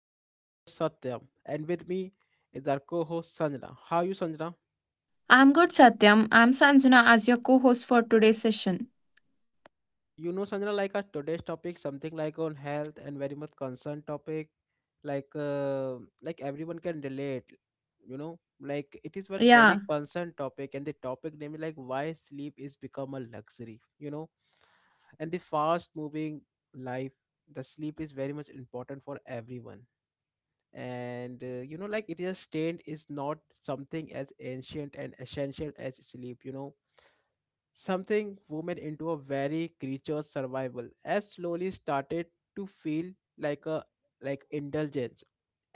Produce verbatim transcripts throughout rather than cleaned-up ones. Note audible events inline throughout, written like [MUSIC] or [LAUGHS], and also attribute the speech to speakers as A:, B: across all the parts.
A: I am your host Satyam and with me is our co-host Sanjana. How are you Sanjana?
B: I'm good, Satyam. I'm Sanjana as your co host for today's session.
A: You know Sanjana, like our today's topic something like on health and very much concerned topic, like uh, like everyone can relate, you know like it is one very
B: Yeah,
A: concerned topic and the topic name is like why sleep is become a luxury, you know and the fast moving life the sleep is very much important for everyone. And uh, you know like it is stained is not something as ancient and essential as sleep, you know something women into a very creature's survival as slowly started to feel like a like indulgence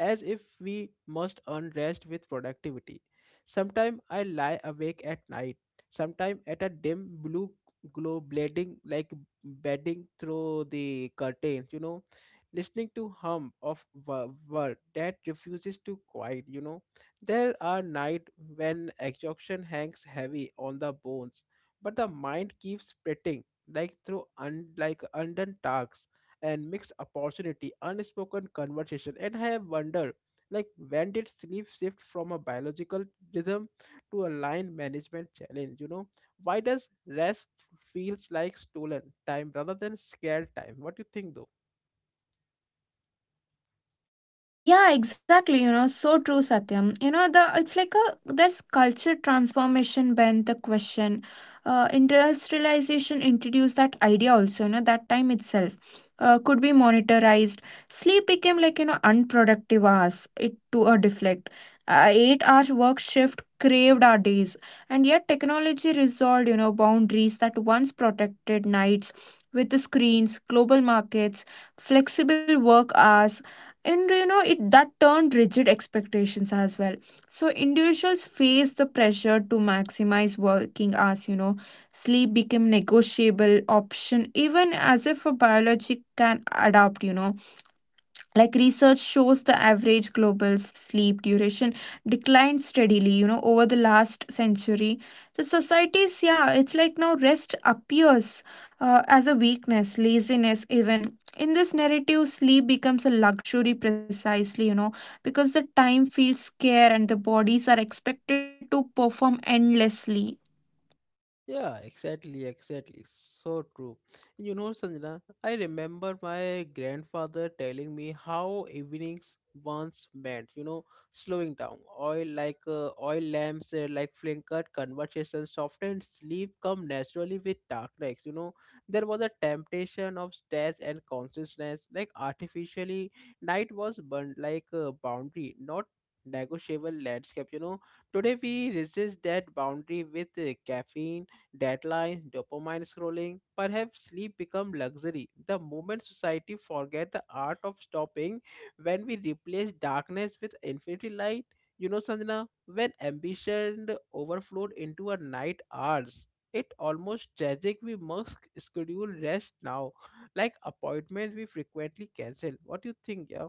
A: as if we must earn rest with productivity. Sometime I lie awake at night, sometime at a dim blue glow bleeding like bedding through the curtains, you know listening to hum of a bird that refuses to quiet, you know there are nights when exhaustion hangs heavy on the bones, but the mind keeps splitting like through un- like undone tasks and mixed opportunity unspoken conversation. And I have wondered, like, when did sleep shift from a biological rhythm to a line management challenge, you know why does rest feels like stolen time rather than scared time? What do you think though?
B: Yeah, exactly. You know, so true, Satyam. You know, the it's like a there's culture transformation been the question. Uh, industrialization introduced that idea also, you know, that time itself uh, could be monetarized. Sleep became like, you know, unproductive hours it to a deflect. Uh, eight hour work shift craved our days. And yet technology resolved, you know, boundaries that once protected nights with the screens, global markets, flexible work hours, and you know it that turned rigid expectations as well. So individuals face the pressure to maximize working hours you know Sleep became negotiable option even as if a biology can adapt you know Like research shows the average global s- sleep duration declined steadily, you know over the last century. The societies, yeah, it's like now rest appears, uh, as a weakness, laziness even. In this narrative sleep becomes a luxury precisely, you know because the time feels scarce and the bodies are expected to perform endlessly.
A: Yeah, exactly, exactly. So true. You know, Sanjana, I remember my grandfather telling me how evenings once meant, you know, slowing down. Oil like uh, oil lamps, uh, like flickered conversation softened, sleep come naturally with darkness. You know, there was a temptation of stress and consciousness, like artificially. Night was burned like a boundary, not negotiable landscape. You know, today we resist that boundary with uh, caffeine deadlines, dopamine scrolling. Perhaps sleep become luxury the moment society forget the art of stopping when we replace darkness with infinity light. You know, Sanjana, when ambition overflowed into a night hours, it almost tragic we must schedule rest now, like appointments we frequently cancel. What do you think, yeah?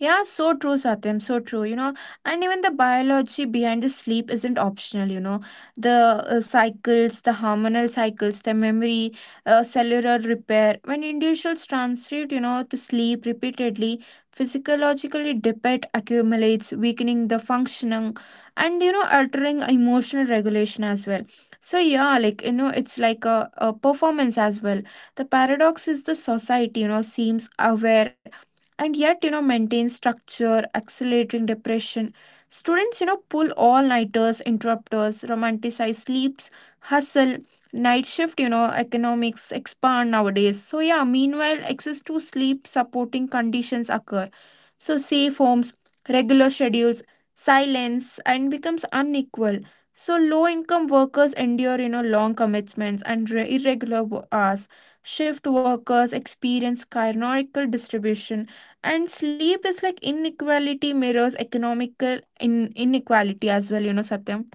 B: Yeah, so true, Satyam, so true, you know. And even the biology behind the sleep isn't optional, you know. The uh, cycles, the hormonal cycles, the memory, uh, cellular repair. When individuals transit, you know, to sleep repeatedly, physiologically depth accumulates, weakening the functioning and, you know, altering emotional regulation as well. So, yeah, like, you know, it's like a, a performance as well. The paradox is the society, you know, seems aware, and yet you know maintain structure accelerating depression. Students, you know pull all nighters, interrupters romanticize sleeps, hustle, night shift, you know economics expand nowadays. So yeah, meanwhile access to sleep supporting conditions occur, so safe homes, regular schedules, silence, and becomes unequal. So low income workers endure, you know long commitments and re- irregular wo- hours. Shift workers experience chironical distribution, and sleep is like inequality mirrors economical in inequality as well, you know Satyam.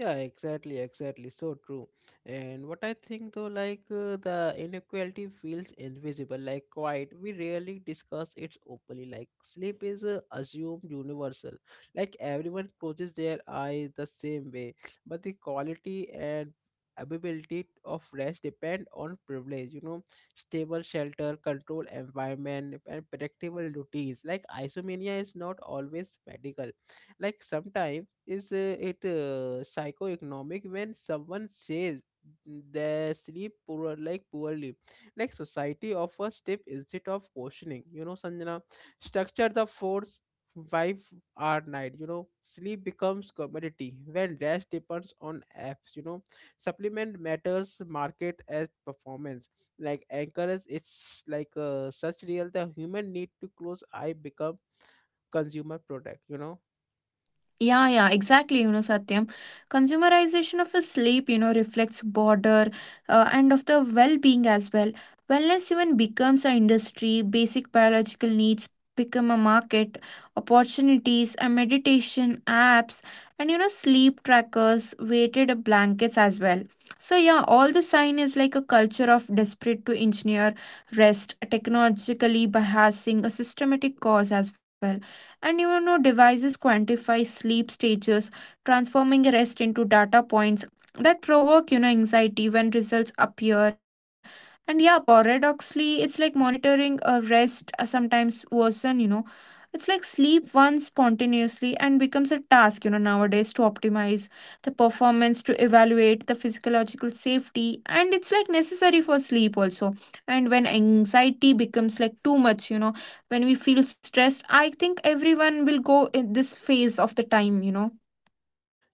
A: Yeah, exactly, exactly. So true. And what I think though, like uh, the inequality feels invisible, like quiet. We rarely discuss it openly. Like sleep is uh, assumed universal. Like everyone closes their eyes the same way, but the quality and ability of rest depend on privilege, you know, stable shelter controlled environment and predictable routines, like isomania is not always medical, like sometimes is uh, it uh, psychoeconomic. When someone says they sleep poor like poorly? Like society offers tip instead of questioning. You know, Sanjana, structure the force five hour night. You know, sleep becomes commodity when rest depends on apps. You know, supplement matters market as performance, like encourage, it's like uh, such real the human need to close eye become consumer product. you know
B: Yeah, yeah, exactly, you know, Satyam. Consumerization of a sleep, you know, reflects border, uh, and of the well-being as well. Wellness even becomes an industry, basic biological needs become a market, opportunities, and meditation apps, and you know, sleep trackers, weighted blankets as well. So yeah, all the sign is like a culture of desperate to engineer rest, technologically bypassing a systematic cause as well. And you know, devices quantify sleep stages, transforming rest into data points that provoke, you know, anxiety when results appear. And yeah, paradoxically, it's like monitoring a rest uh, sometimes worsen, you know. It's like sleep once spontaneously and becomes a task, you know, nowadays to optimize the performance, to evaluate the physiological safety, and it's like necessary for sleep also. And when anxiety becomes like too much, you know when we feel stressed, I think everyone will go in this phase of the time you know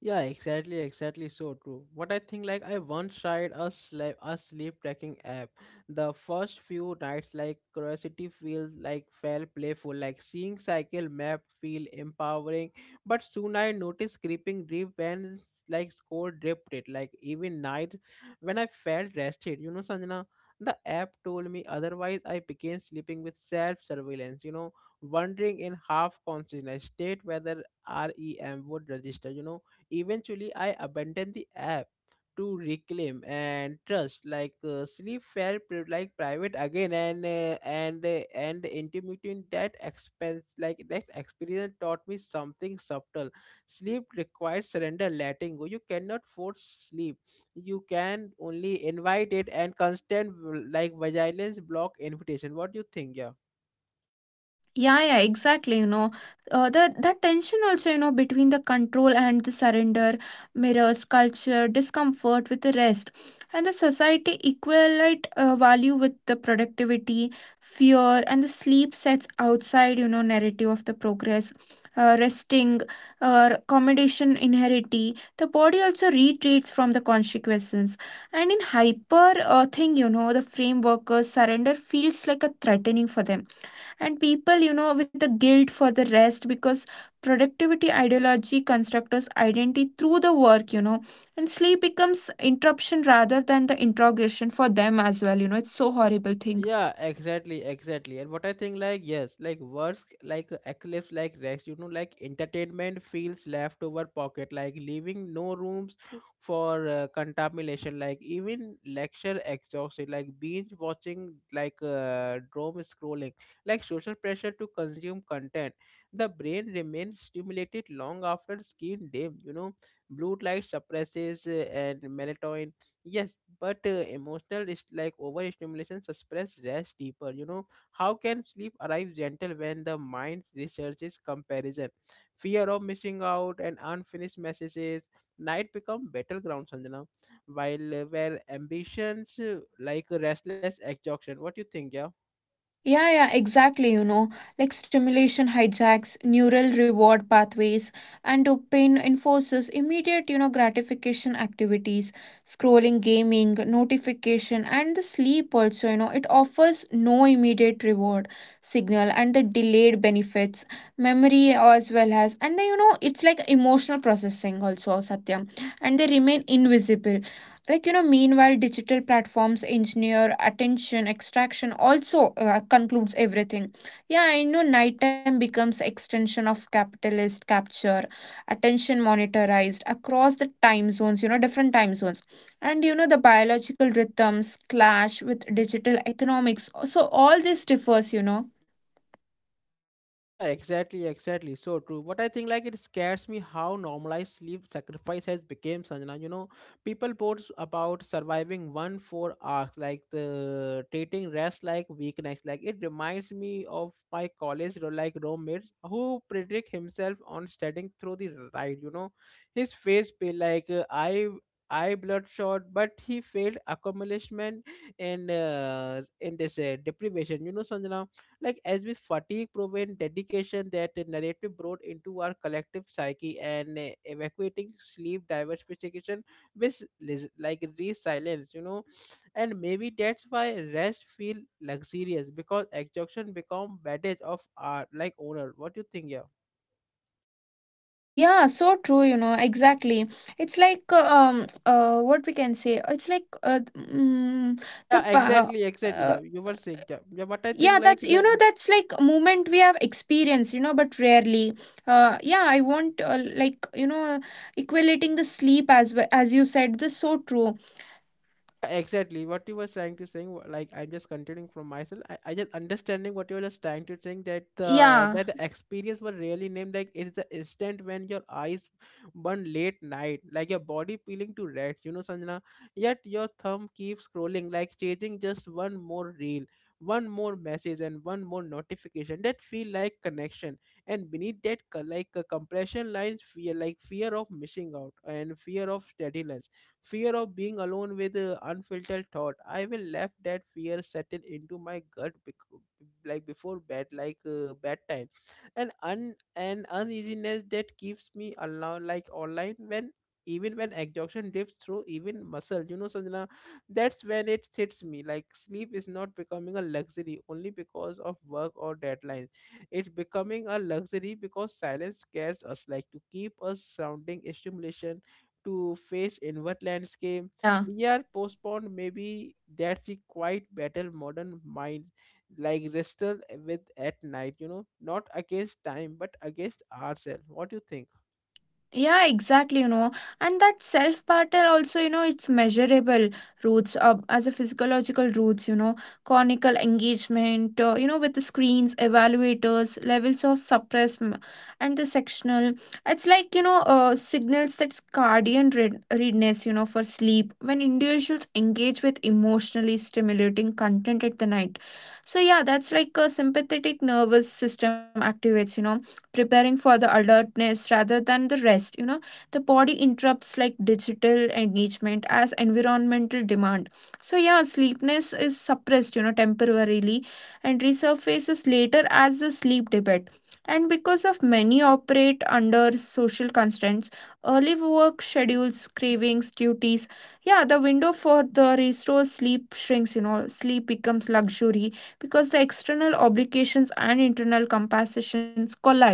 A: Yeah, exactly, exactly. So true. What I think, like, I once tried a sleep a sleep tracking app. The first few nights, like, curiosity feels like felt playful, like seeing cycle map feel empowering. But soon I noticed creeping drip when s- like score dripped it. Like even night when I felt rested, you know, Sanjana. The app told me otherwise. I began sleeping with self surveillance. You know, wondering in half consciousness state whether REM would register. You know, eventually, I abandoned the app to reclaim and trust, like uh, sleep fair, pri- like private again, and uh, and uh, and intimating in that expense, like that experience taught me something subtle. Sleep requires surrender, letting go. You cannot force sleep. You can only invite it, and constant like vigilance block invitation. What do you think? Yeah.
B: Yeah, yeah, exactly. You know, uh, that that tension also, you know, between the control and the surrender mirrors culture, discomfort with the rest, and the society equate uh, value with the productivity, fear, and the sleep sets outside, you know, narrative of the progress, uh, resting, uh, accommodation inherity. The body also retreats from the consequences, and in hyper uh, thing, you know, the framework, uh, surrender feels like a threatening for them, and people, you know with a guilt for the rest, because productivity ideology constructs us identity through the work, you know and sleep becomes interruption rather than the interrogation for them as well, you know it's so horrible thing.
A: Yeah, exactly, exactly. And what I think, like, yes, like words, like uh, eclipse, like Rex, you know, like entertainment feels leftover pocket, like leaving no rooms [GASPS] for uh, contamination, like even lecture exhausted, like binge watching, like uh, doom scrolling, like social pressure to consume content. The brain remains stimulated long after skin dim, you know, blue light suppresses uh, and melatonin. Yes, but uh, emotional is like overstimulation suppress rest deeper. You know, how can sleep arrive gentle when the mind researches comparison, fear of missing out, and unfinished messages? Night become battleground, Sanjana, while uh, where ambitions uh, like restless exhaustion. What do you think, yeah?
B: Yeah, yeah, exactly. You know, like stimulation hijacks neural reward pathways, and dopamine enforces immediate, you know, gratification activities, scrolling, gaming, notification, and the sleep also. You know, it offers no immediate reward signal and the delayed benefits, memory as well as, and then, you know, it's like emotional processing also, Satyam, and they remain invisible. Like you know meanwhile digital platforms engineer attention extraction also, uh, concludes everything. Yeah, I know nighttime becomes extension of capitalist capture, attention monitorized across the time zones, you know different time zones. And you know the biological rhythms clash with digital economics, so all this differs, you know
A: Yeah, exactly, exactly. So true. But I think, like, it scares me how normalized sleep sacrifice has become, Sanjana. You know, people post about surviving one four hours, like the treating rest like weakness. Like it reminds me of my college ro- like roommate who predict himself on studying through the ride. You know, his face pale, like uh, I eye bloodshot, but he failed accomplishment in uh, in this uh, deprivation. You know, Sanjana, like as we fatigue prevent dedication that the narrative brought into our collective psyche and uh, evacuating sleep diversification with lis- like resilience, you know, and maybe that's why rest feel luxurious because exhaustion become baggage of our like owner. What do you think, yeah?
B: yeah, so true, you know exactly. It's like uh, um uh what we can say. It's like uh, mm, the
A: Yeah,
B: pa-
A: exactly, exactly.
B: uh.
A: Yeah, you were saying. Yeah, yeah, but I think,
B: Yeah,
A: like,
B: that's, you
A: that.
B: know that's like a moment we have experienced, you know but rarely. Uh yeah, I want, uh, like, you know equating the sleep as well, as you said, this is so true.
A: Yeah, exactly. What you were trying to saying, wa- like I'm just continuing from myself. I, I just understanding what you were just trying to saying that the
B: yeah
A: that the experience was really named, like it's the instant when your eyes burn late night, like your body peeling to red, you know, Sanjana. Yet your thumb keeps scrolling, like chasing just one more reel, one more message, and one more notification. That feel like connection, and beneath that, co- like a compression lines, fear like fear of missing out and fear of steadiness, fear of being alone with uh, unfiltered thought. I will let that fear settle into my gut bec- like before bed, like uh, bedtime, and un an uneasiness that keeps me alone, like online, when even when exhaustion drifts through even muscle, you know, Sanjana, that's when it hits me. Like sleep is not becoming a luxury only because of work or deadlines. It's becoming a luxury because silence scares us, like to keep us surrounding stimulation to face inward landscape.
B: yeah
A: We are postponed. Maybe that's the quiet battle modern minds like wrestle with at night, you know, not against time but against ourselves. What do you think?
B: Yeah, exactly, you know. And that self battle also, you know, it's measurable roots, uh, as a physiological roots, you know, conical engagement, uh, you know, with the screens, evaluators, levels of suppress m- and the sectional. It's like, you know, uh, signals that's guardian read- readiness, you know, for sleep when individuals engage with emotionally stimulating content at the night. So, yeah, that's like a sympathetic nervous system activates, you know preparing for the alertness rather than the rest, you know the body interrupts like digital engagement as environmental demand. So yeah, sleepness is suppressed, you know temporarily, and resurfaces later as a sleep debate. And because of many operate under social constraints, early work schedules, cravings, duties, yeah, the window for the restore sleep shrinks, you know sleep becomes luxury because the external obligations and internal compensations collide.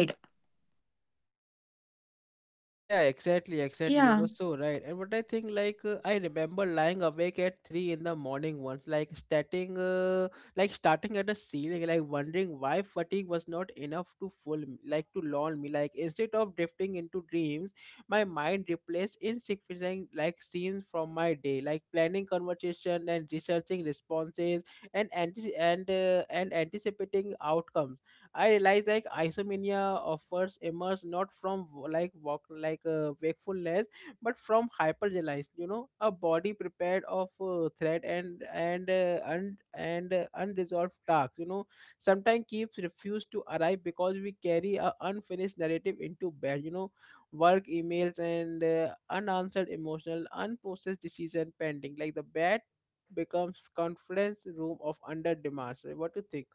A: Yeah, exactly, exactly. You
B: Yeah,
A: were so right. And what I think, like, uh, I remember lying awake at three in the morning once, like, starting, uh, like, starting at a ceiling, like, wondering why fatigue was not enough to fool me, like, to lull me. Like, instead of drifting into dreams, my mind replaced insignificant, like, scenes from my day, like planning conversation and researching responses and anti- and uh, and anticipating outcomes. I realized, like, isomania offers emerge not from w- like walk like uh, wakefulness, but from hypergelize. You know, a body prepared of uh, threat and and uh, un- and uh, unresolved tasks. You know, sometimes keeps refuse to arrive because we carry a unfinished narrative into bed. You know, work emails and uh, unanswered emotional, unprocessed decision pending. Like the bed becomes conference room of under demands. What do you think?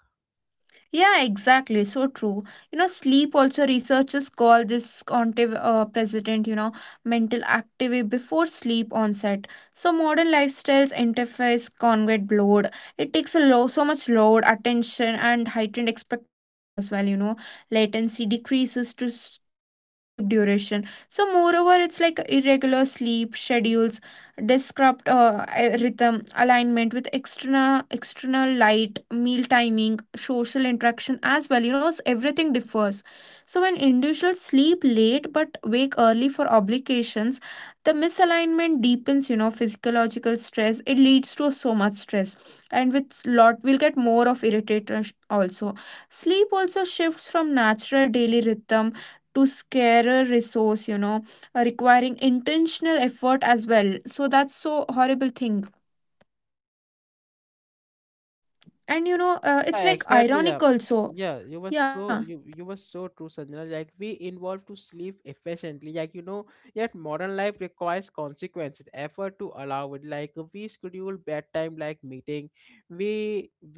B: yeah, exactly. So true. You know, sleep also researchers call this contiv- uh, president, you know, mental activity before sleep onset. So modern lifestyles interface congruent load. It takes a low, so much load, attention, and heightened expectations as well. You know, latency decreases to s- total sleep duration. So moreover, it's like irregular sleep schedules disrupt, uh, rhythm alignment with external external light, meal timing, social interaction as well, you know s- everything differs. So when individuals sleep late but wake early for obligations, the misalignment deepens, you know physiological stress, it leads to so much stress, and with lot we'll get more of irritation also. Sleep also shifts from natural daily rhythm to scarer resource, you know uh, requiring intentional effort as well, so that's so horrible thing. And you know uh, it's
A: Yeah,
B: like
A: exactly.
B: ironic
A: Yeah, [TSK]
B: also.
A: yeah. You were
B: Yeah,
A: so, you you were so true, Sanjana. Like we involve to sleep efficiently. Like, you know, yet modern life requires consequences, effort to allow it. Like we schedule bedtime like meeting. We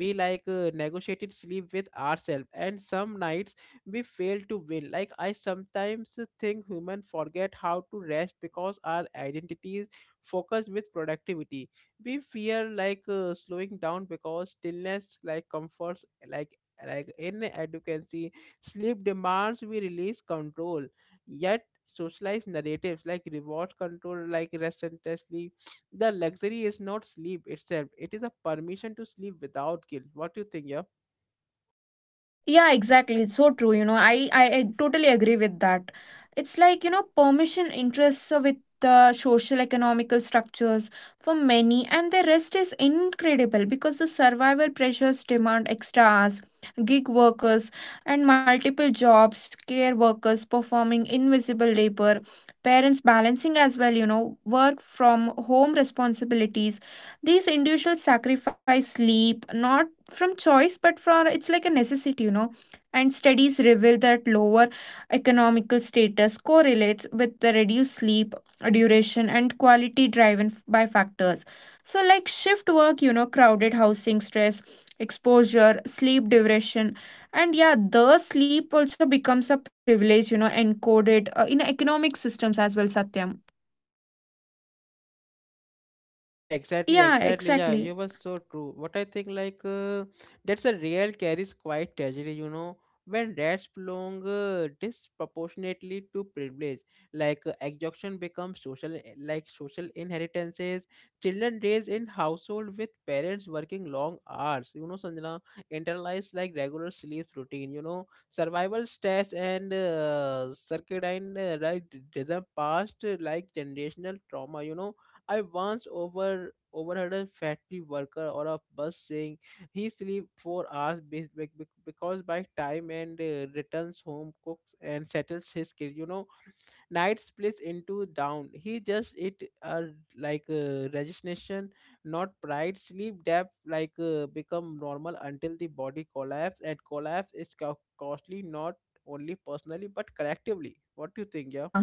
A: we like uh, negotiated sleep with ourselves, and some nights we fail to win. Like I sometimes think human forget how to rest because our identities focus with productivity. We fear, like, uh, slowing down because stillness like comforts, like like in advocacy. Sleep demands we release control, yet socialized narratives like reward control, like relentlessly. The luxury is not sleep itself. It is a permission to sleep without guilt. What do you think, yeah?
B: yeah, exactly. It's so true. You know, I, I I totally agree with that. It's like, you know, permission interests with the social economical structures for many, and the rest is incredible because the survival pressures demand extra hours, gig workers, and multiple jobs, care workers performing invisible labor, parents balancing as well, you know, work from home responsibilities. These individuals sacrifice sleep, not from choice but from it's like a necessity, you know and studies reveal that lower economical status correlates with the reduced sleep duration and quality driven f- by factors, so like shift work, you know crowded housing stress exposure sleep duration. And yeah, the sleep also becomes a privilege, you know encoded, uh, in economic systems as well, Satyam.
A: Yeah, exactly,
B: yeah
A: exactly. Yeah,
B: exactly
A: you were so true. What I think, like, uh, that's a real carries quite tragedy, you know, when rats belong uh, disproportionately to privilege, like uh, exhaustion becomes social, eh, like social inheritances. Children raised in household with parents working long hours, you know, Sanjana, internalize like regular sleep routine, you know, survival stress and uh, circadian uh, right rhythm past uh, like generational trauma, you know, I once over overheard a factory worker or a bus saying he sleep four hours be- be- be- because by time and uh, returns home cooks and settles his kid. You know, night splits into down. He just it uh, like uh, resignation, not pride. Sleep depth like uh, become normal until the body collapse and collapse is co- costly, not only personally but collectively. What do you think? Yeah.
B: yeah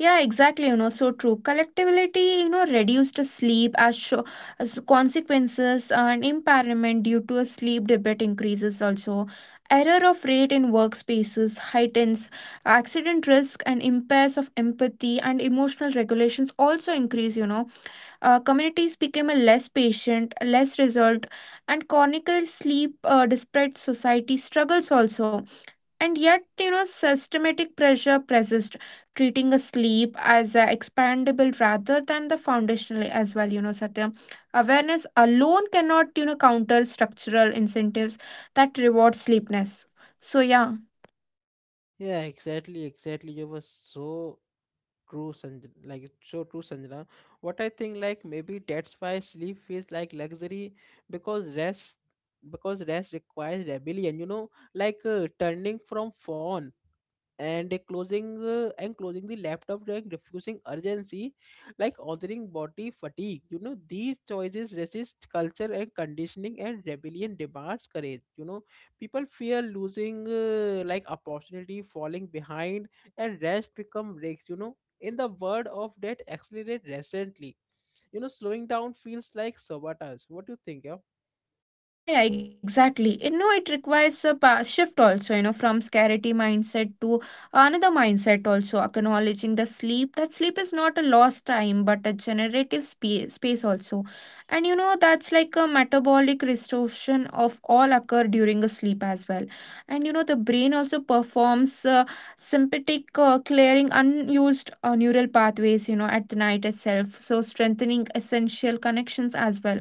B: Yeah, exactly. You know, so true. Collectability, you know, reduced sleep as, show, as consequences, and impairment due to a sleep debt increases also. Error of rate in workspaces heightens accident risk and impairs of empathy and emotional regulations also increase, you know. Uh, communities became a less patient, less resolved, and chronic sleep, uh, despite society struggles also. And yet, you know systematic pressure persists, treating a sleep as a expandable rather than the foundational as well, you know satya. Awareness alone cannot, you know counter structural incentives that reward sleepness. So yeah.
A: Yeah, exactly, exactly. You were so true, Sanjana. Like it's so true, Sanjana. What I think, like maybe that's why sleep feels like luxury because rest, because rest requires rebellion. You know, like uh, turning from phone and closing uh, and closing the laptop during refusing urgency like ordering body fatigue, you know, these choices resist culture and conditioning, and rebellion demands courage, you know. People fear losing uh, like opportunity, falling behind, and rest become breaks, you know, in the word of that accelerate recently. You know, slowing down feels like sabotage. What do you think? Yeah.
B: Yeah, yeah, exactly. It, no, it requires a pa- shift also, you know, from scarcity mindset to another mindset also, acknowledging the sleep. That sleep is not a lost time, but a generative space, space also. And, you know, that's like a metabolic restoration of all occur during a sleep as well. And, you know, the brain also performs, uh, sympathetic, uh, clearing unused, uh, neural pathways, you know, at the night itself. So strengthening essential connections as well,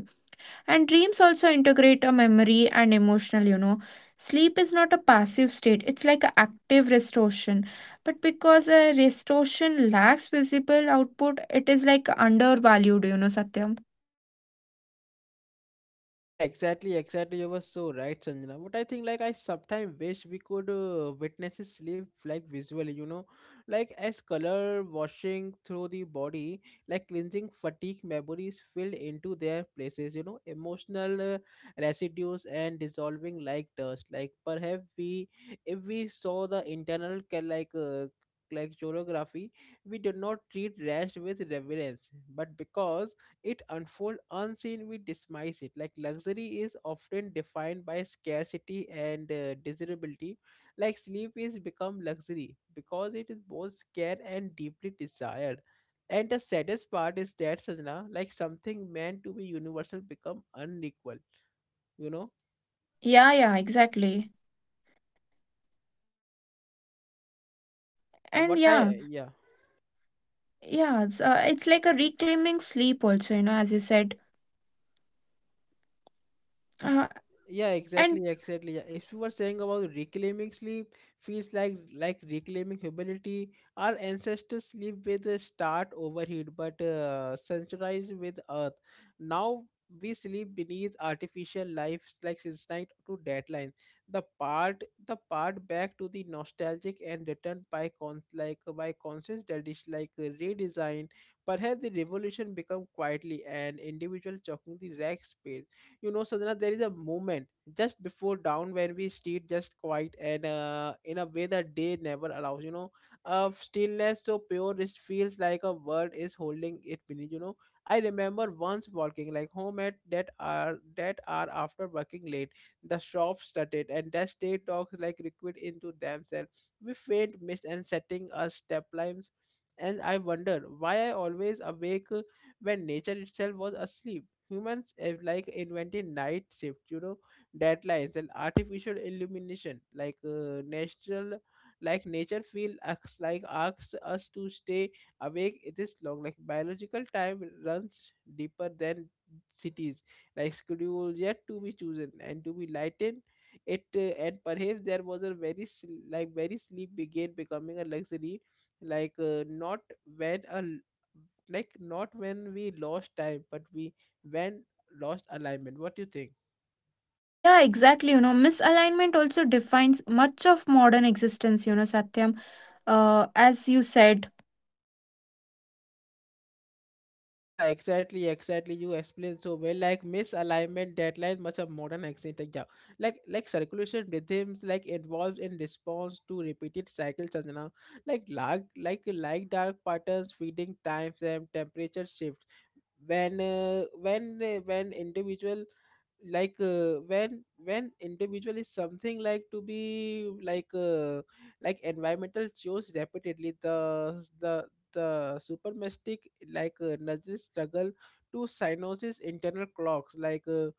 B: and dreams also integrate a memory and emotional, you know. Sleep is not a passive state, it's like an active restoration. But because a restoration lacks visible output, it is like undervalued, you know, Satyam.
A: Yeah, exactly, exactly. You were so right, Sanjana. But I think, like, I sometimes wish we could uh, witness his sleep, like, visually, you know, like, as color washing through the body, like, cleansing fatigue memories filled into their places, you know, emotional uh, residues and dissolving like dust. Like, perhaps we, if we saw the internal, ca- like, uh, like choreography, we do not treat rest with reverence, but because it unfolds unseen we dismiss it like luxury is often defined by scarcity and uh, desirability. Like sleep is become luxury because it is both scarce and deeply desired, and the saddest part is that sajna, like something meant to be universal become unequal, you know.
B: Yeah, yeah, exactly.
A: And yeah,
B: And
A: what
B: yeah,
A: I, yeah.
B: yeah, it's, uh, it's like a reclaiming sleep also, you know, as you said. Uh,
A: Yeah,
B: and
A: exactly, exactly. Yeah, if you were saying about reclaiming sleep feels like like reclaiming humility. Our ancestors sleep with a start overheat but uh, centralized with earth. Now we sleep beneath artificial life, like since night to deadline. The part the part back to the nostalgic and returned by con, like by conscious dedish, like uh, redesign. Perhaps the revolution become quietly an individual choking the rack space, you know, sadhana. There is a moment just before dawn when we stayed just quiet and uh, in a way that day never allows, you know, of stillness so pure it feels like a world is holding it beneath, you know. I remember once walking like home at that hour, that hour after working late. The shops started and the state talks like liquid into themselves, we faint mist and setting us step lines, and I wonder why I always awake when nature itself was asleep. Humans have like invented night shift, you know, deadlines and artificial illumination like uh, natural. Like nature feel asks, like asks us to stay awake this long, like biological time runs deeper than cities, like schedule yet to be chosen and to be lightened. It uh, And perhaps there was a very sl- like very sleep began becoming a luxury, like uh, not when a l- like not when we lost time, but we when lost alignment. What do you think?
B: yeah, exactly, you know, misalignment also defines much of modern existence, you know, Satyam, uh, as you said.
A: Yeah, exactly, exactly. You explained so well. Like misalignment, deadlines, much of modern accident. Like, yeah. like like circulation rhythms like involves in response to repeated cycles. Sanjana. Like lag, like like dark patterns, feeding time frame, temperature shift. when uh, when uh, when individual, like uh, when when individual is something like to be like uh, like environmental change repeatedly, the the the supermastic, like uh, nudges struggle to cyanosis internal clocks, like uh,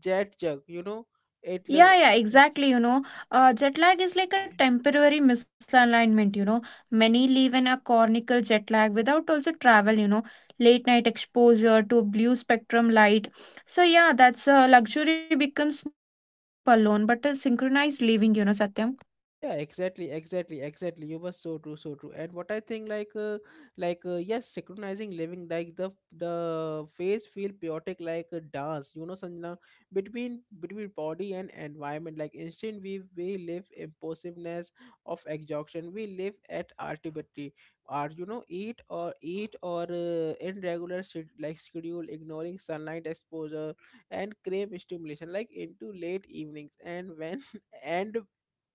A: jet jug, you know. it lo-
B: Yeah, yeah, exactly. You know, uh, jet lag is like a temporary misalignment. You know, many live in a cornical jet lag without also travel, you know, late night exposure to blue spectrum light. So, yeah, that's, uh, luxury becomes not a sleep alone, but a synchronized living, you know, Satyam.
A: yeah, exactly, exactly, exactly. You were so true, so true. And what I think, like uh, like uh, yes, synchronizing living like the the face feel chaotic like a dance, you know, Sanjana, between between body and environment, like instant we we live impulsiveness of exhaustion, we live at arbitrary, or you know, eat or eat or uh, irregular shed- like schedule ignoring sunlight exposure and crave stimulation like into late evenings, and when [LAUGHS] and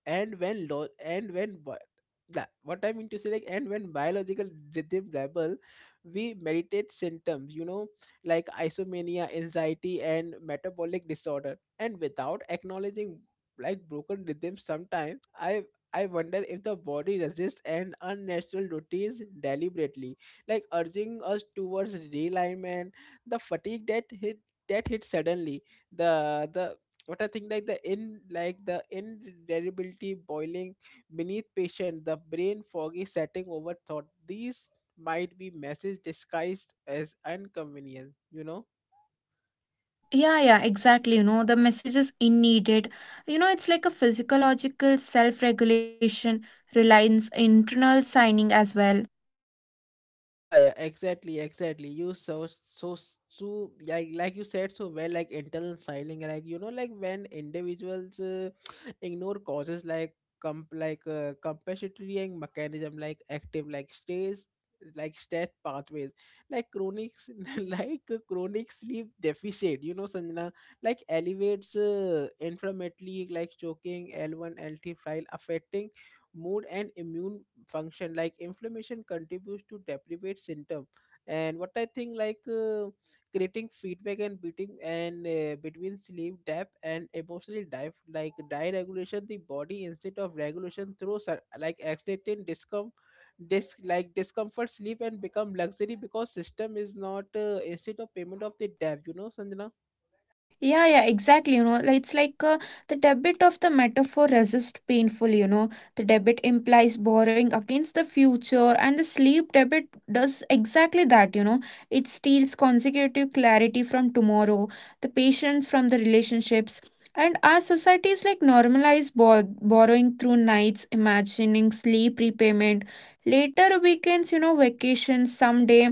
A: and when lo- and when, but that what I mean to say, like and when biological rhythm rebel, we meditate symptoms, you know, like isomania, anxiety, and metabolic disorder, and without acknowledging like broken rhythms. Sometimes i i wonder if the body resists an unnatural routines deliberately, like urging us towards realignment. The fatigue that hit, that hit suddenly, the the but I think like the in like the indelibility boiling beneath patient, the brain foggy setting over thought. These might be message disguised as inconvenience, you know?
B: Yeah, yeah, exactly. You know, the message is in needed. You know, it's like a physiological self regulation, reliance, internal signing as well.
A: Yeah, yeah, exactly, exactly. You so so s- so like like you said so well, like internal styling, like you know, like when individuals uh, [SNIFFS] [TSK] ignore causes like comp like uh, compensatory and mechanism, like active, like stage, like stat pathways, like chronic s- [LAUGHS] like uh, chronic sleep deficit. You know, Sanjana, like elevates uh, inflammatory, like choking, L one, L T file affecting mood and immune function. Like inflammation contributes to deprivate symptom, and what I think, like uh, creating feedback and beating and uh, between sleep debt and emotional dive, like diet regulation, the body instead of regulation through sur- like accelerating discom, dis- like discomfort sleep and become luxury because system is not uh, instead of payment of the debt, you know, sanjana.
B: Yeah, yeah, exactly. You know, like, it's like uh, the debit of the metaphor resist painful, you know. The debit implies borrowing against the future, and the sleep debit does exactly that, you know. It steals consecutive clarity from tomorrow, the patience from the relationships. And our societies like normalize bor- borrowing through nights, imagining sleep repayment, later weekends, you know, vacations someday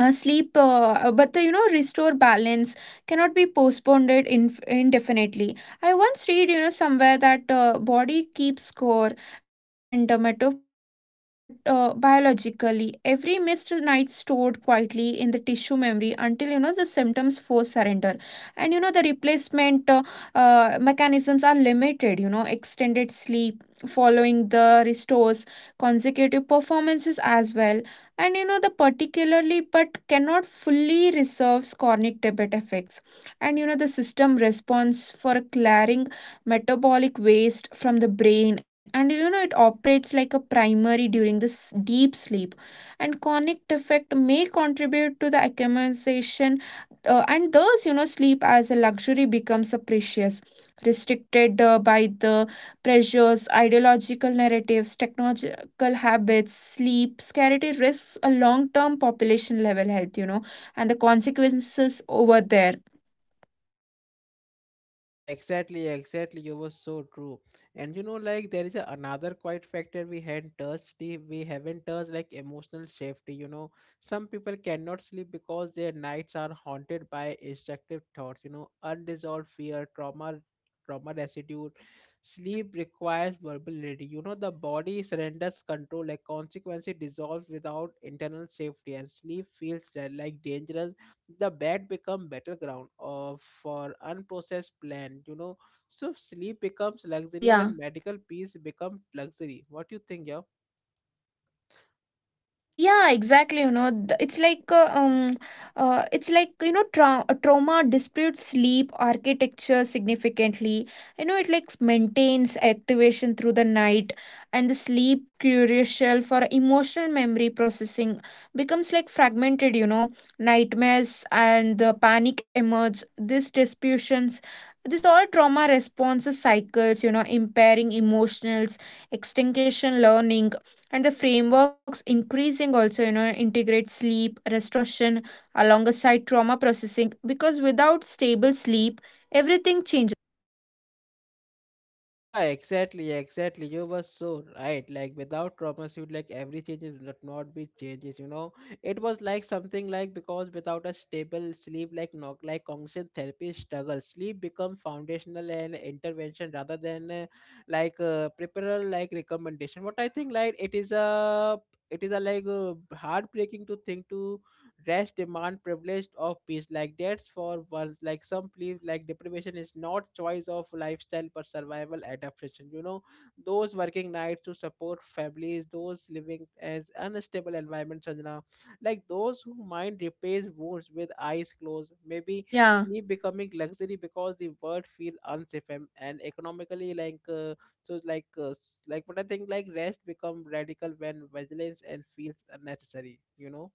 B: uh, sleep uh, but the you know restore balance cannot be postponed it in, indefinitely. I once read, you know, somewhere that uh, body keeps score and uh, metabolic but uh, biologically every missed night stored quietly in the tissue memory until, you know, the symptoms force surrender. And you know the replacement uh, uh, mechanisms are limited, you know, extended sleep following the restores consecutive performances as well. And you know the particularly but cannot fully resolve chronic debit effects. And you know the system responds for clearing metabolic waste from the brain, and you know it operates like a primary during this deep sleep. And chronic defect may contribute to the accumulation, uh, and thus you know sleep as a luxury becomes a precious restricted uh, by the pressures, ideological narratives, technology habits, sleep, scarcity risks a long term population level health, you know, and the consequences over there.
A: Yeah, exactly, exactly. You were so true. And you know, like there is a another quite factor we hadn't touched. the- We haven't touched like emotional safety. You know, some people cannot sleep because their nights are haunted by instructive thoughts. You know, unresolved fear, trauma, trauma residue. Sleep requires vulnerability. You know, the body surrenders control. Like consequence, it dissolves without internal safety, and sleep feels da- like dangerous. The bed become battleground of for unprocessed plan, you know. So sleep becomes luxury
B: Yeah.
A: when medical peace become luxury. What you think? Yeah.
B: Yeah, exactly. You know, th- it's like uh, um, uh, it's like, you know, tra- uh, trauma disputes sleep architecture significantly. You know, it like maintains activation through the night, and the sleep crucial for emotional memory processing becomes like fragmented. You know, nightmares and the panic emerge. These disputions, this all trauma responses cycles. You know, impairing emotionals, extinction learning and the frameworks increasing also, you know, integrate sleep restoration alongside trauma processing because without stable sleep everything changes.
A: Yeah, exactly, exactly. You were so right. Like without traumas, you like every changes would not be changes. You know, it was like something like because without a stable sleep, like not like constant therapy struggle, sleep become foundational and intervention rather than uh, like uh, preparer like recommendation. What I think, like it is a it is a like uh, heartbreaking to think to rest demand privileged of peace, like that's for once, like some believe like deprivation is not choice of lifestyle but survival adaptation, you know. Those working nights to support families, those living as unstable environment, Sanjana, like those who mind repairs wounds with eyes closed, maybe
B: Yeah.
A: sleep becoming luxury because the world feel unsafe, and, and economically like uh, so like uh, s- like but I think like rest become radical when vigilance and feels unnecessary, you know.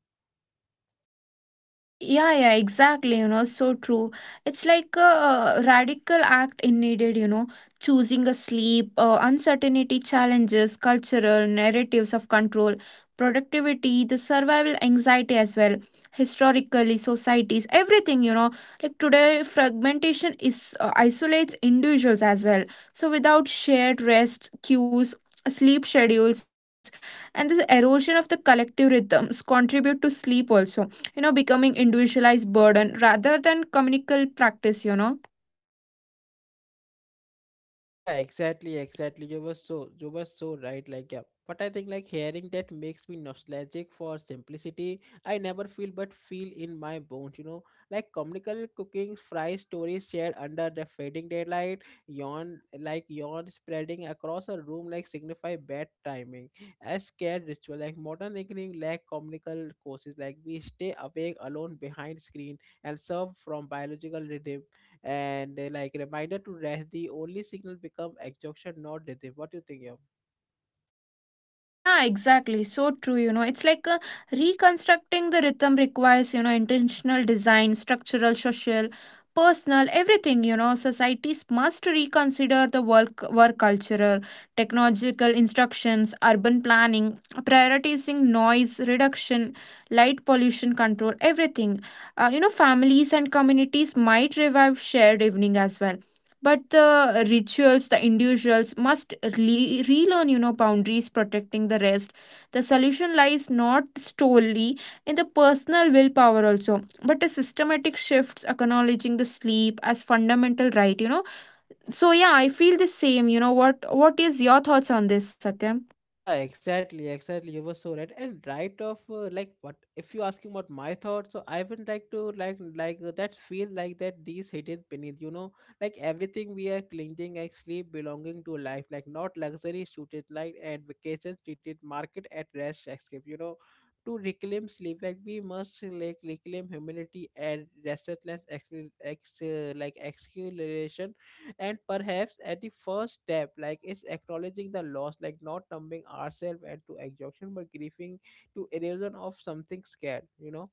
B: Yeah, yeah, exactly. You know, so true. It's like a radical act in needed, you know, choosing a sleep, uh, uncertainty challenges, cultural narratives of control, productivity, the survival anxiety as well, historically, societies, everything, you know. Like today, fragmentation is uh, isolates individuals as well. So without shared rest cues, sleep schedules, and the erosion of the collective rhythms contribute to sleep also, you know, becoming individualized burden rather than communal practice, you know.
A: Yeah, exactly, exactly. You were so you were so right. Like yeah, but I think like hearing that makes me nostalgic for simplicity. I never feel but feel in my bones. You know, like comical cooking, fry stories shared under the fading daylight, yawn like yawn spreading across a room like signify bad timing. As scared ritual, like modern evening lack comical courses, like we stay awake alone behind screen and serve from biological rhythm, and uh, like reminder to rest, the only signal become exhaustion, not rhythm. What do you think? Yeah.
B: Yeah, exactly, so true. You know, it's like uh, reconstructing the rhythm requires, you know, intentional design, structural, social, personal, everything, you know. Societies must reconsider the work work cultural, technological instructions, urban planning, prioritizing noise reduction, light pollution control, everything. Uh, you know, families and communities might revive shared evening as well, but the rituals the individuals must re- relearn, you know, boundaries protecting the rest. The solution lies not solely in the personal willpower also but a systematic shifts acknowledging the sleep as fundamental right, you know. So yeah, I feel the same. You know, what what is your thoughts on this, Satyam?
A: Yeah, exactly, exactly. You were so right. And right off, uh, like what if you asking about my thoughts? So I would like to like like uh, that feel like that these hidden beneath, you know, like everything we are clinging actually belonging to life, like not luxury treated like and vacation treated market at rest escape, you know. To reclaim sleep, like we must like reclaim humanity and restlessness, ex, ex uh, like acceleration. And perhaps at the first step like is acknowledging the loss, like not numbing ourselves and to exhaustion but grieving to erosion of something scared, you know.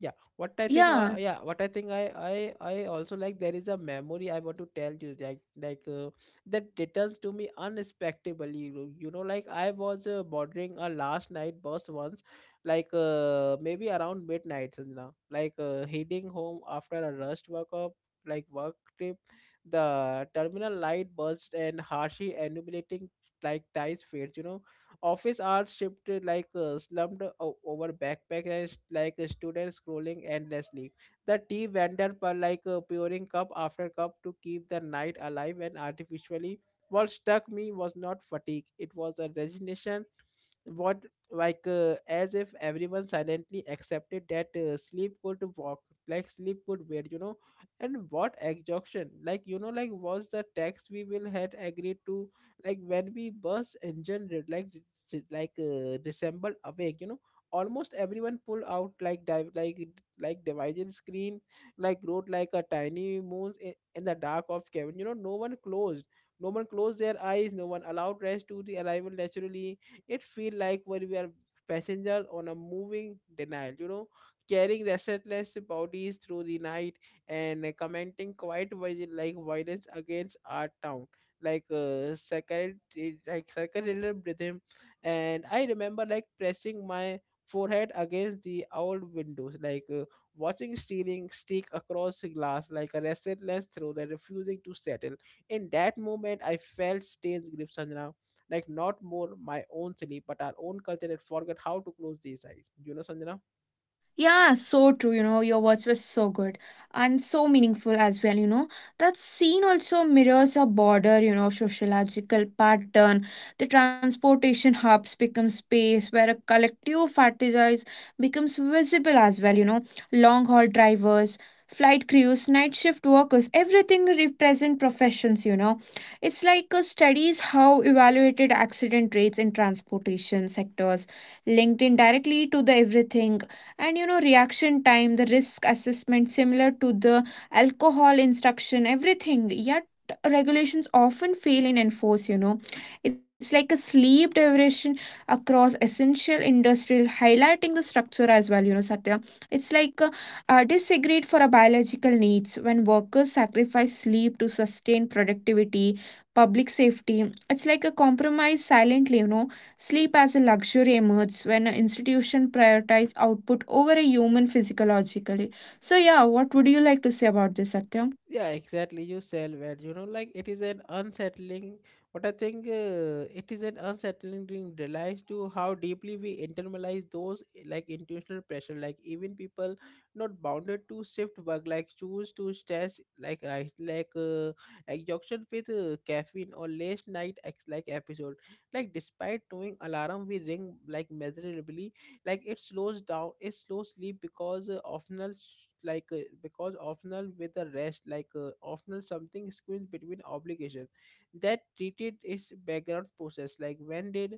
A: Yeah, what I think,
B: Yeah.
A: uh, yeah, what I think, I, I, I also like. There is a memory I want to tell you, like, like uh, that returns to me unexpectedly. You know, you know, like I was uh, boarding a last night bus once, like uh, maybe around midnight, Sanjana, like uh, heading home after a rushed work up, like work trip. The terminal light burst and harshly illuminating like ties fades. You know, office hours shifted like uh, slumped o- over backpackers, like uh, students scrolling endlessly. The tea vendor per like uh, pouring cup after cup to keep the night alive and artificially. What struck me was not fatigue; it was a resignation. What, like uh, as if everyone silently accepted that uh, sleep could walk, like sleep could wait, you know. And what exhaustion, like you know, like was the tax we will had agreed to, like when we bus engine did, like j- like uh, resembled awake, you know. Almost everyone pulled out like dive like like divided screen, like wrote like a tiny moons in, in the dark of cabin, you know. No one closed no one closed their eyes, no one allowed rest to the arrival naturally. It feel like when we are passengers on a moving denial, you know, carrying restless bodies through the night, and uh, commenting quite vi, like violence against our town, like uh, circuit like circular rhythm. And I remember like pressing my forehead against the old windows, like uh, watching stealing stick across the glass like a restless throw that refusing to settle. In that moment I felt stain's grip, Sanjana, like not more my own sleep but our own culture had forgot how to close these eyes, you know, Sanjana.
B: Yeah, so true. You know, your words were so good and so meaningful as well. You know, that scene also mirrors a border, you know, sociological pattern. The transportation hubs become space where a collective fantasize becomes visible as well. You know, long haul drivers, flight crews, night shift workers, everything represent professions. You know, it's like uh, studies how evaluated accident rates in transportation sectors linked indirectly to the everything. And you know reaction time, the risk assessment similar to the alcohol instruction, everything yet regulations often fail in enforce, you know. It's like a sleep deprivation across essential industrial highlighting the structure as well, you know, satya. It's like uh, uh, disagreed for a biological needs when workers sacrifice sleep to sustain productivity, public safety, it's like a compromise silently, you know. Sleep as a luxury emerges when an institution prioritizes output over a human physiologically. So yeah, what would you like to say about this, Satyam?
A: Yeah, exactly. You sell where you know, like it is an unsettling. What I think, uh, it is an unsettling thing realize to how deeply we internalize those eh, like intentional pressure. Like even people not bounded to shift work, like choose to stress like right, like uh, exhaustion with uh, caffeine or late night ex like episode. Like despite knowing alarm we ring like measurably like it slows down it slows sleep because uh, optional sh- like uh, because optional with a rest like uh, optional something squeezed between obligation that treated its background process. Like when did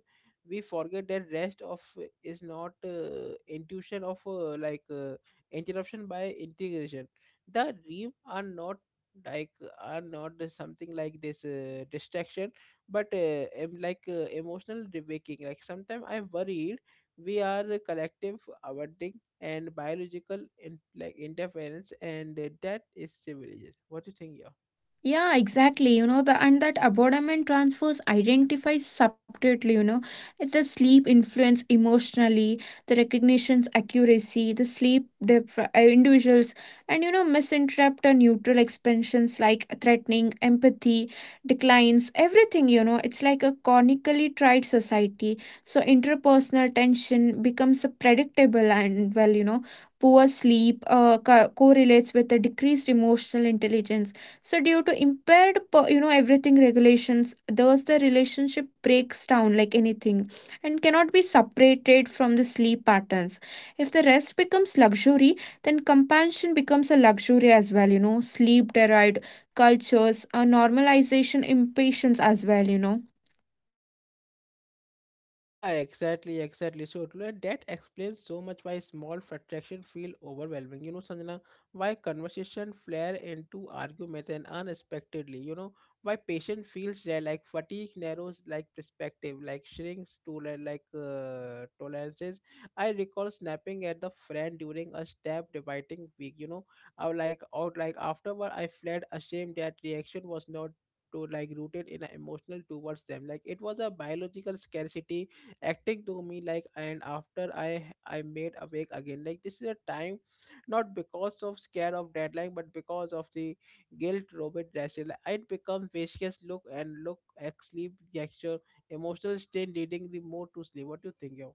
A: we forget that rest of uh, is not uh, intuition of uh, like uh, interruption by integration. The dream are not like are not the something like this uh, distraction but uh, em- like uh, emotional waking. Like sometimes I worry we are collective awarding and biological in, like interference, and uh, that is civilization. What do you think? Yeah.
B: Yeah, exactly. You know, the and that abandonment transfers identifies subtly, you know, the sleep influence emotionally, the recognition's accuracy, the sleep depth, uh, individuals, and you know, misinterpret or neutral expansions like threatening, empathy, declines, everything, you know, it's like a chronically tried society. So interpersonal tension becomes a predictable and well, you know, poor sleep uh, co- correlates with a decreased emotional intelligence so due to impaired, you know, everything regulations thus the relationship breaks down like anything and cannot be separated from the sleep patterns. If the rest becomes luxury, then compassion becomes a luxury as well, you know. Sleep derived cultures a normalization impatience as well, you know.
A: Yeah, exactly, exactly. So Tulay, that explains so much why small frustration feel overwhelming. You know, Sanjana, why conversation flare into arguments and unexpectedly. You know, why patient feels rare, like fatigue narrows, like perspective, like shrinks to li- like uh, tolerances. I recall snapping at the friend during a step debating week. You know, I was like out, like afterward, I fled ashamed that reaction was not. To like rooted in a emotional towards them, like it was a biological scarcity acting to me, like and after i i made awake again, like this is a time not because of scare of deadline but because of the guilt robert Russell. It becomes vicious look and look at sleep gesture emotional state leading the mood to sleep. What do you think, yo?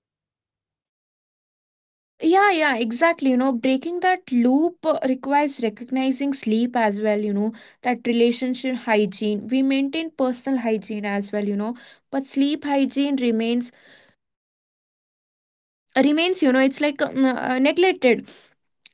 B: Yeah, yeah, exactly. You know, breaking that loop uh, requires recognizing sleep as well, you know, that relationship hygiene. We maintain personal hygiene as well, you know, but sleep hygiene remains remains, you know, it's like um, uh, neglected,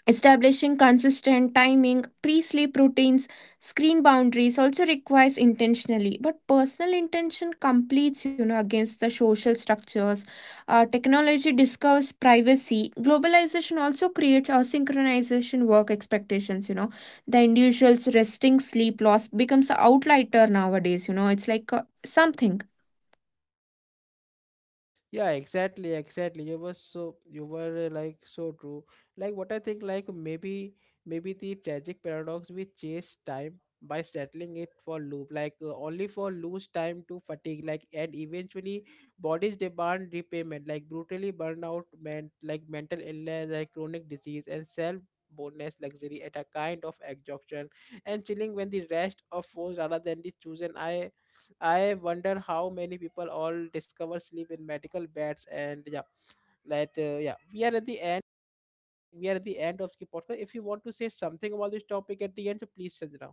B: establishing consistent timing, pre-sleep routines, screen boundaries also requires intentionally but personal intention completes, you know, against the social structures. Uh, technology discovers privacy, globalization also creates synchronization work expectations, you know. The individual's resting sleep loss becomes an outlier nowadays, you know, it's like uh, something.
A: Yeah, exactly, exactly. You were so, you were uh, like so true. Like what i think like maybe maybe the tragic paradox we chase time by settling it for loop like uh, only for lose time to fatigue, like and eventually bodies demand repayment, like brutally burnout meant like mental illness, like chronic disease and self boneless luxury at a kind of exhaustion and chilling when the rest of force rather than the chosen. i I wonder how many people all discover sleep in medical beds. And yeah, let uh, yeah, we are at the end. Like we are at the end of the podcast. If you want to say something about this topic at the end, so please, Chandra.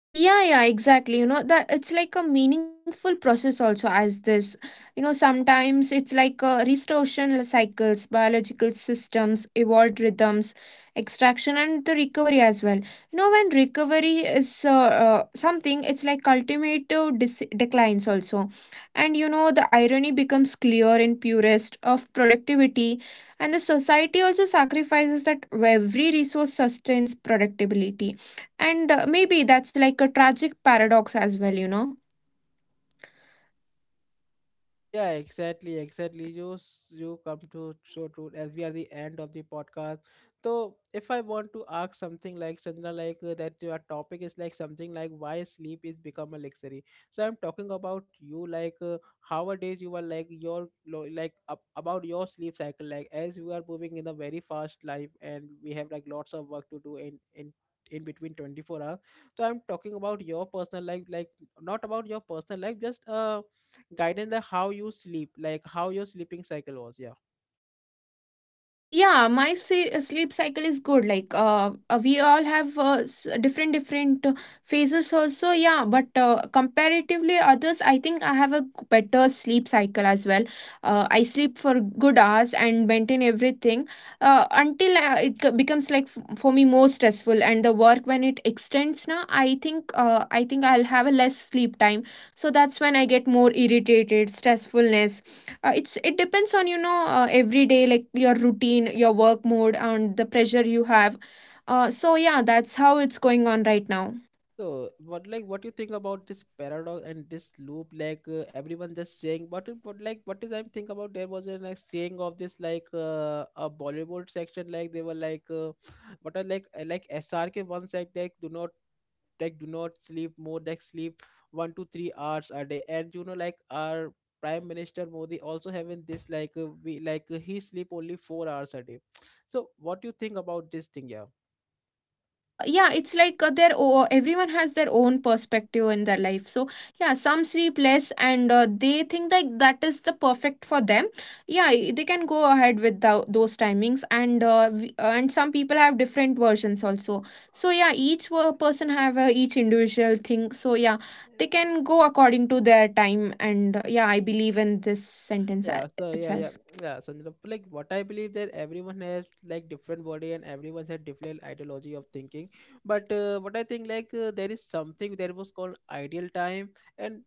B: Yeah, yeah, exactly. You know, that it's like a meaningful process also as this. You know, sometimes it's like a restoration cycles, biological systems evolved rhythms extraction and the recovery as well, you know. When recovery is uh, uh, something, it's like cultivative dis- declines also. And you know the irony becomes clear in purest of productivity, and the society also sacrifices that every resource sustains productivity. And uh, maybe that's like a tragic paradox as well, you know.
A: Yeah, exactly, exactly. You s- you come to so true as we are the end of the podcast. So if I want to ask something like Sanjana, like uh, that your topic is like something like why sleep is become a luxury. So I'm talking about you like uh, nowadays you are like your lo- like ab- about your sleep cycle. Like as we are moving in a very fast life and we have like lots of work to do in in in between twenty-four hours. So I'm talking about your personal life, like not about your personal life, just uh guidance like how you sleep, like how your sleeping cycle was. Yeah.
B: Uh, yeah, my se- sleep cycle is good. Like, uh, uh, we all have uh, s- different different uh, phases also. Yeah, but uh, comparatively others, I think I have a g- better sleep cycle as well. Uh, I sleep for good hours and maintain everything uh, until uh, it c- becomes like f- for me more stressful and the work when it extends. Now, I think uh, I think I'll have a less sleep time. So that's when I get more irritated, stressfulness, uh, it's it depends on, you know, uh, every day, like your routine, your work mode and the pressure you have. Uh, so yeah, that's how it's going on right now.
A: So what, like what you think about this paradox and this loop, like uh, everyone just saying but, uh, but like what is I think about there was a like saying of this like uh, a Bollywood section. Like they were like uh, [SNIFFS] what are like uh, like SRK one said like do not like do not sleep more, like sleep one to three hours a day. And you know, like our prime minister Modi also having this like uh, we like uh, he sleep only four hours a day. So what do you think about this thing? Yeah.
B: Uh, yeah, it's like uh, their o- everyone has their own perspective in their life. So yeah, some sleep less and uh, they think like that is the perfect for them. Yeah, i- they can go ahead with tho- those timings and uh, we- uh, and some people have different versions also. So yeah, each wo- person have uh, each individual thing. So yeah, they can go according to their time. And uh, yeah, I believe in this sentence uh,
A: Yeah, so yeah, yeah,
B: itself.
A: yeah. So the- like what I believe that everyone has like different body and everyone has different ideology of thinking. But uh, what I think like uh, there is something that was called ideal time, and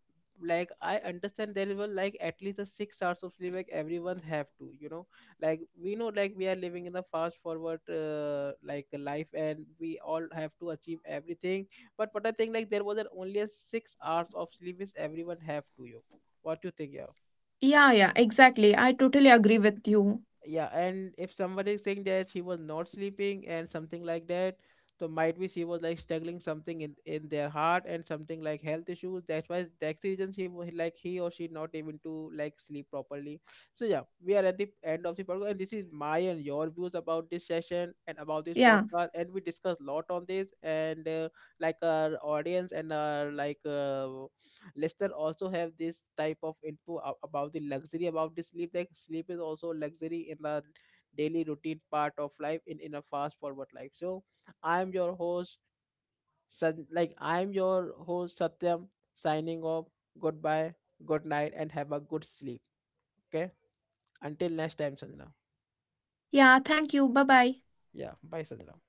A: like I understand there was like at least a six hours of sleep. Like everyone have to, you know, like we know like we are living in the fast forward uh, like life, and we all have to achieve everything. But what I think like there was an only a six hours of sleep is everyone have to you. What do you think? Yeah.
B: Yeah, yeah, exactly. I totally agree with you.
A: Yeah, and if somebody is saying that she was not sleeping and something like that, so might be she was like struggling something in in their heart and something like health issues. That's why that's the reason she was like he or she not able to like sleep properly. So yeah, we are at the end of the podcast, and this is my and your views about this session and about this
B: Yeah,
A: podcast, and we discussed a lot on this. And uh, like our audience and our like uh, Leicester also have this type of info a- about the luxury, about the sleep. Like sleep is also luxury in the daily routine part of life in in a fast forward life. So I am your host, San- like I am your host Satyam, signing off. Goodbye, good night, and have a good sleep. Okay. Until next time, Sanjana.
B: yeah. Thank you. Bye bye.
A: Yeah. Bye, Sanjana.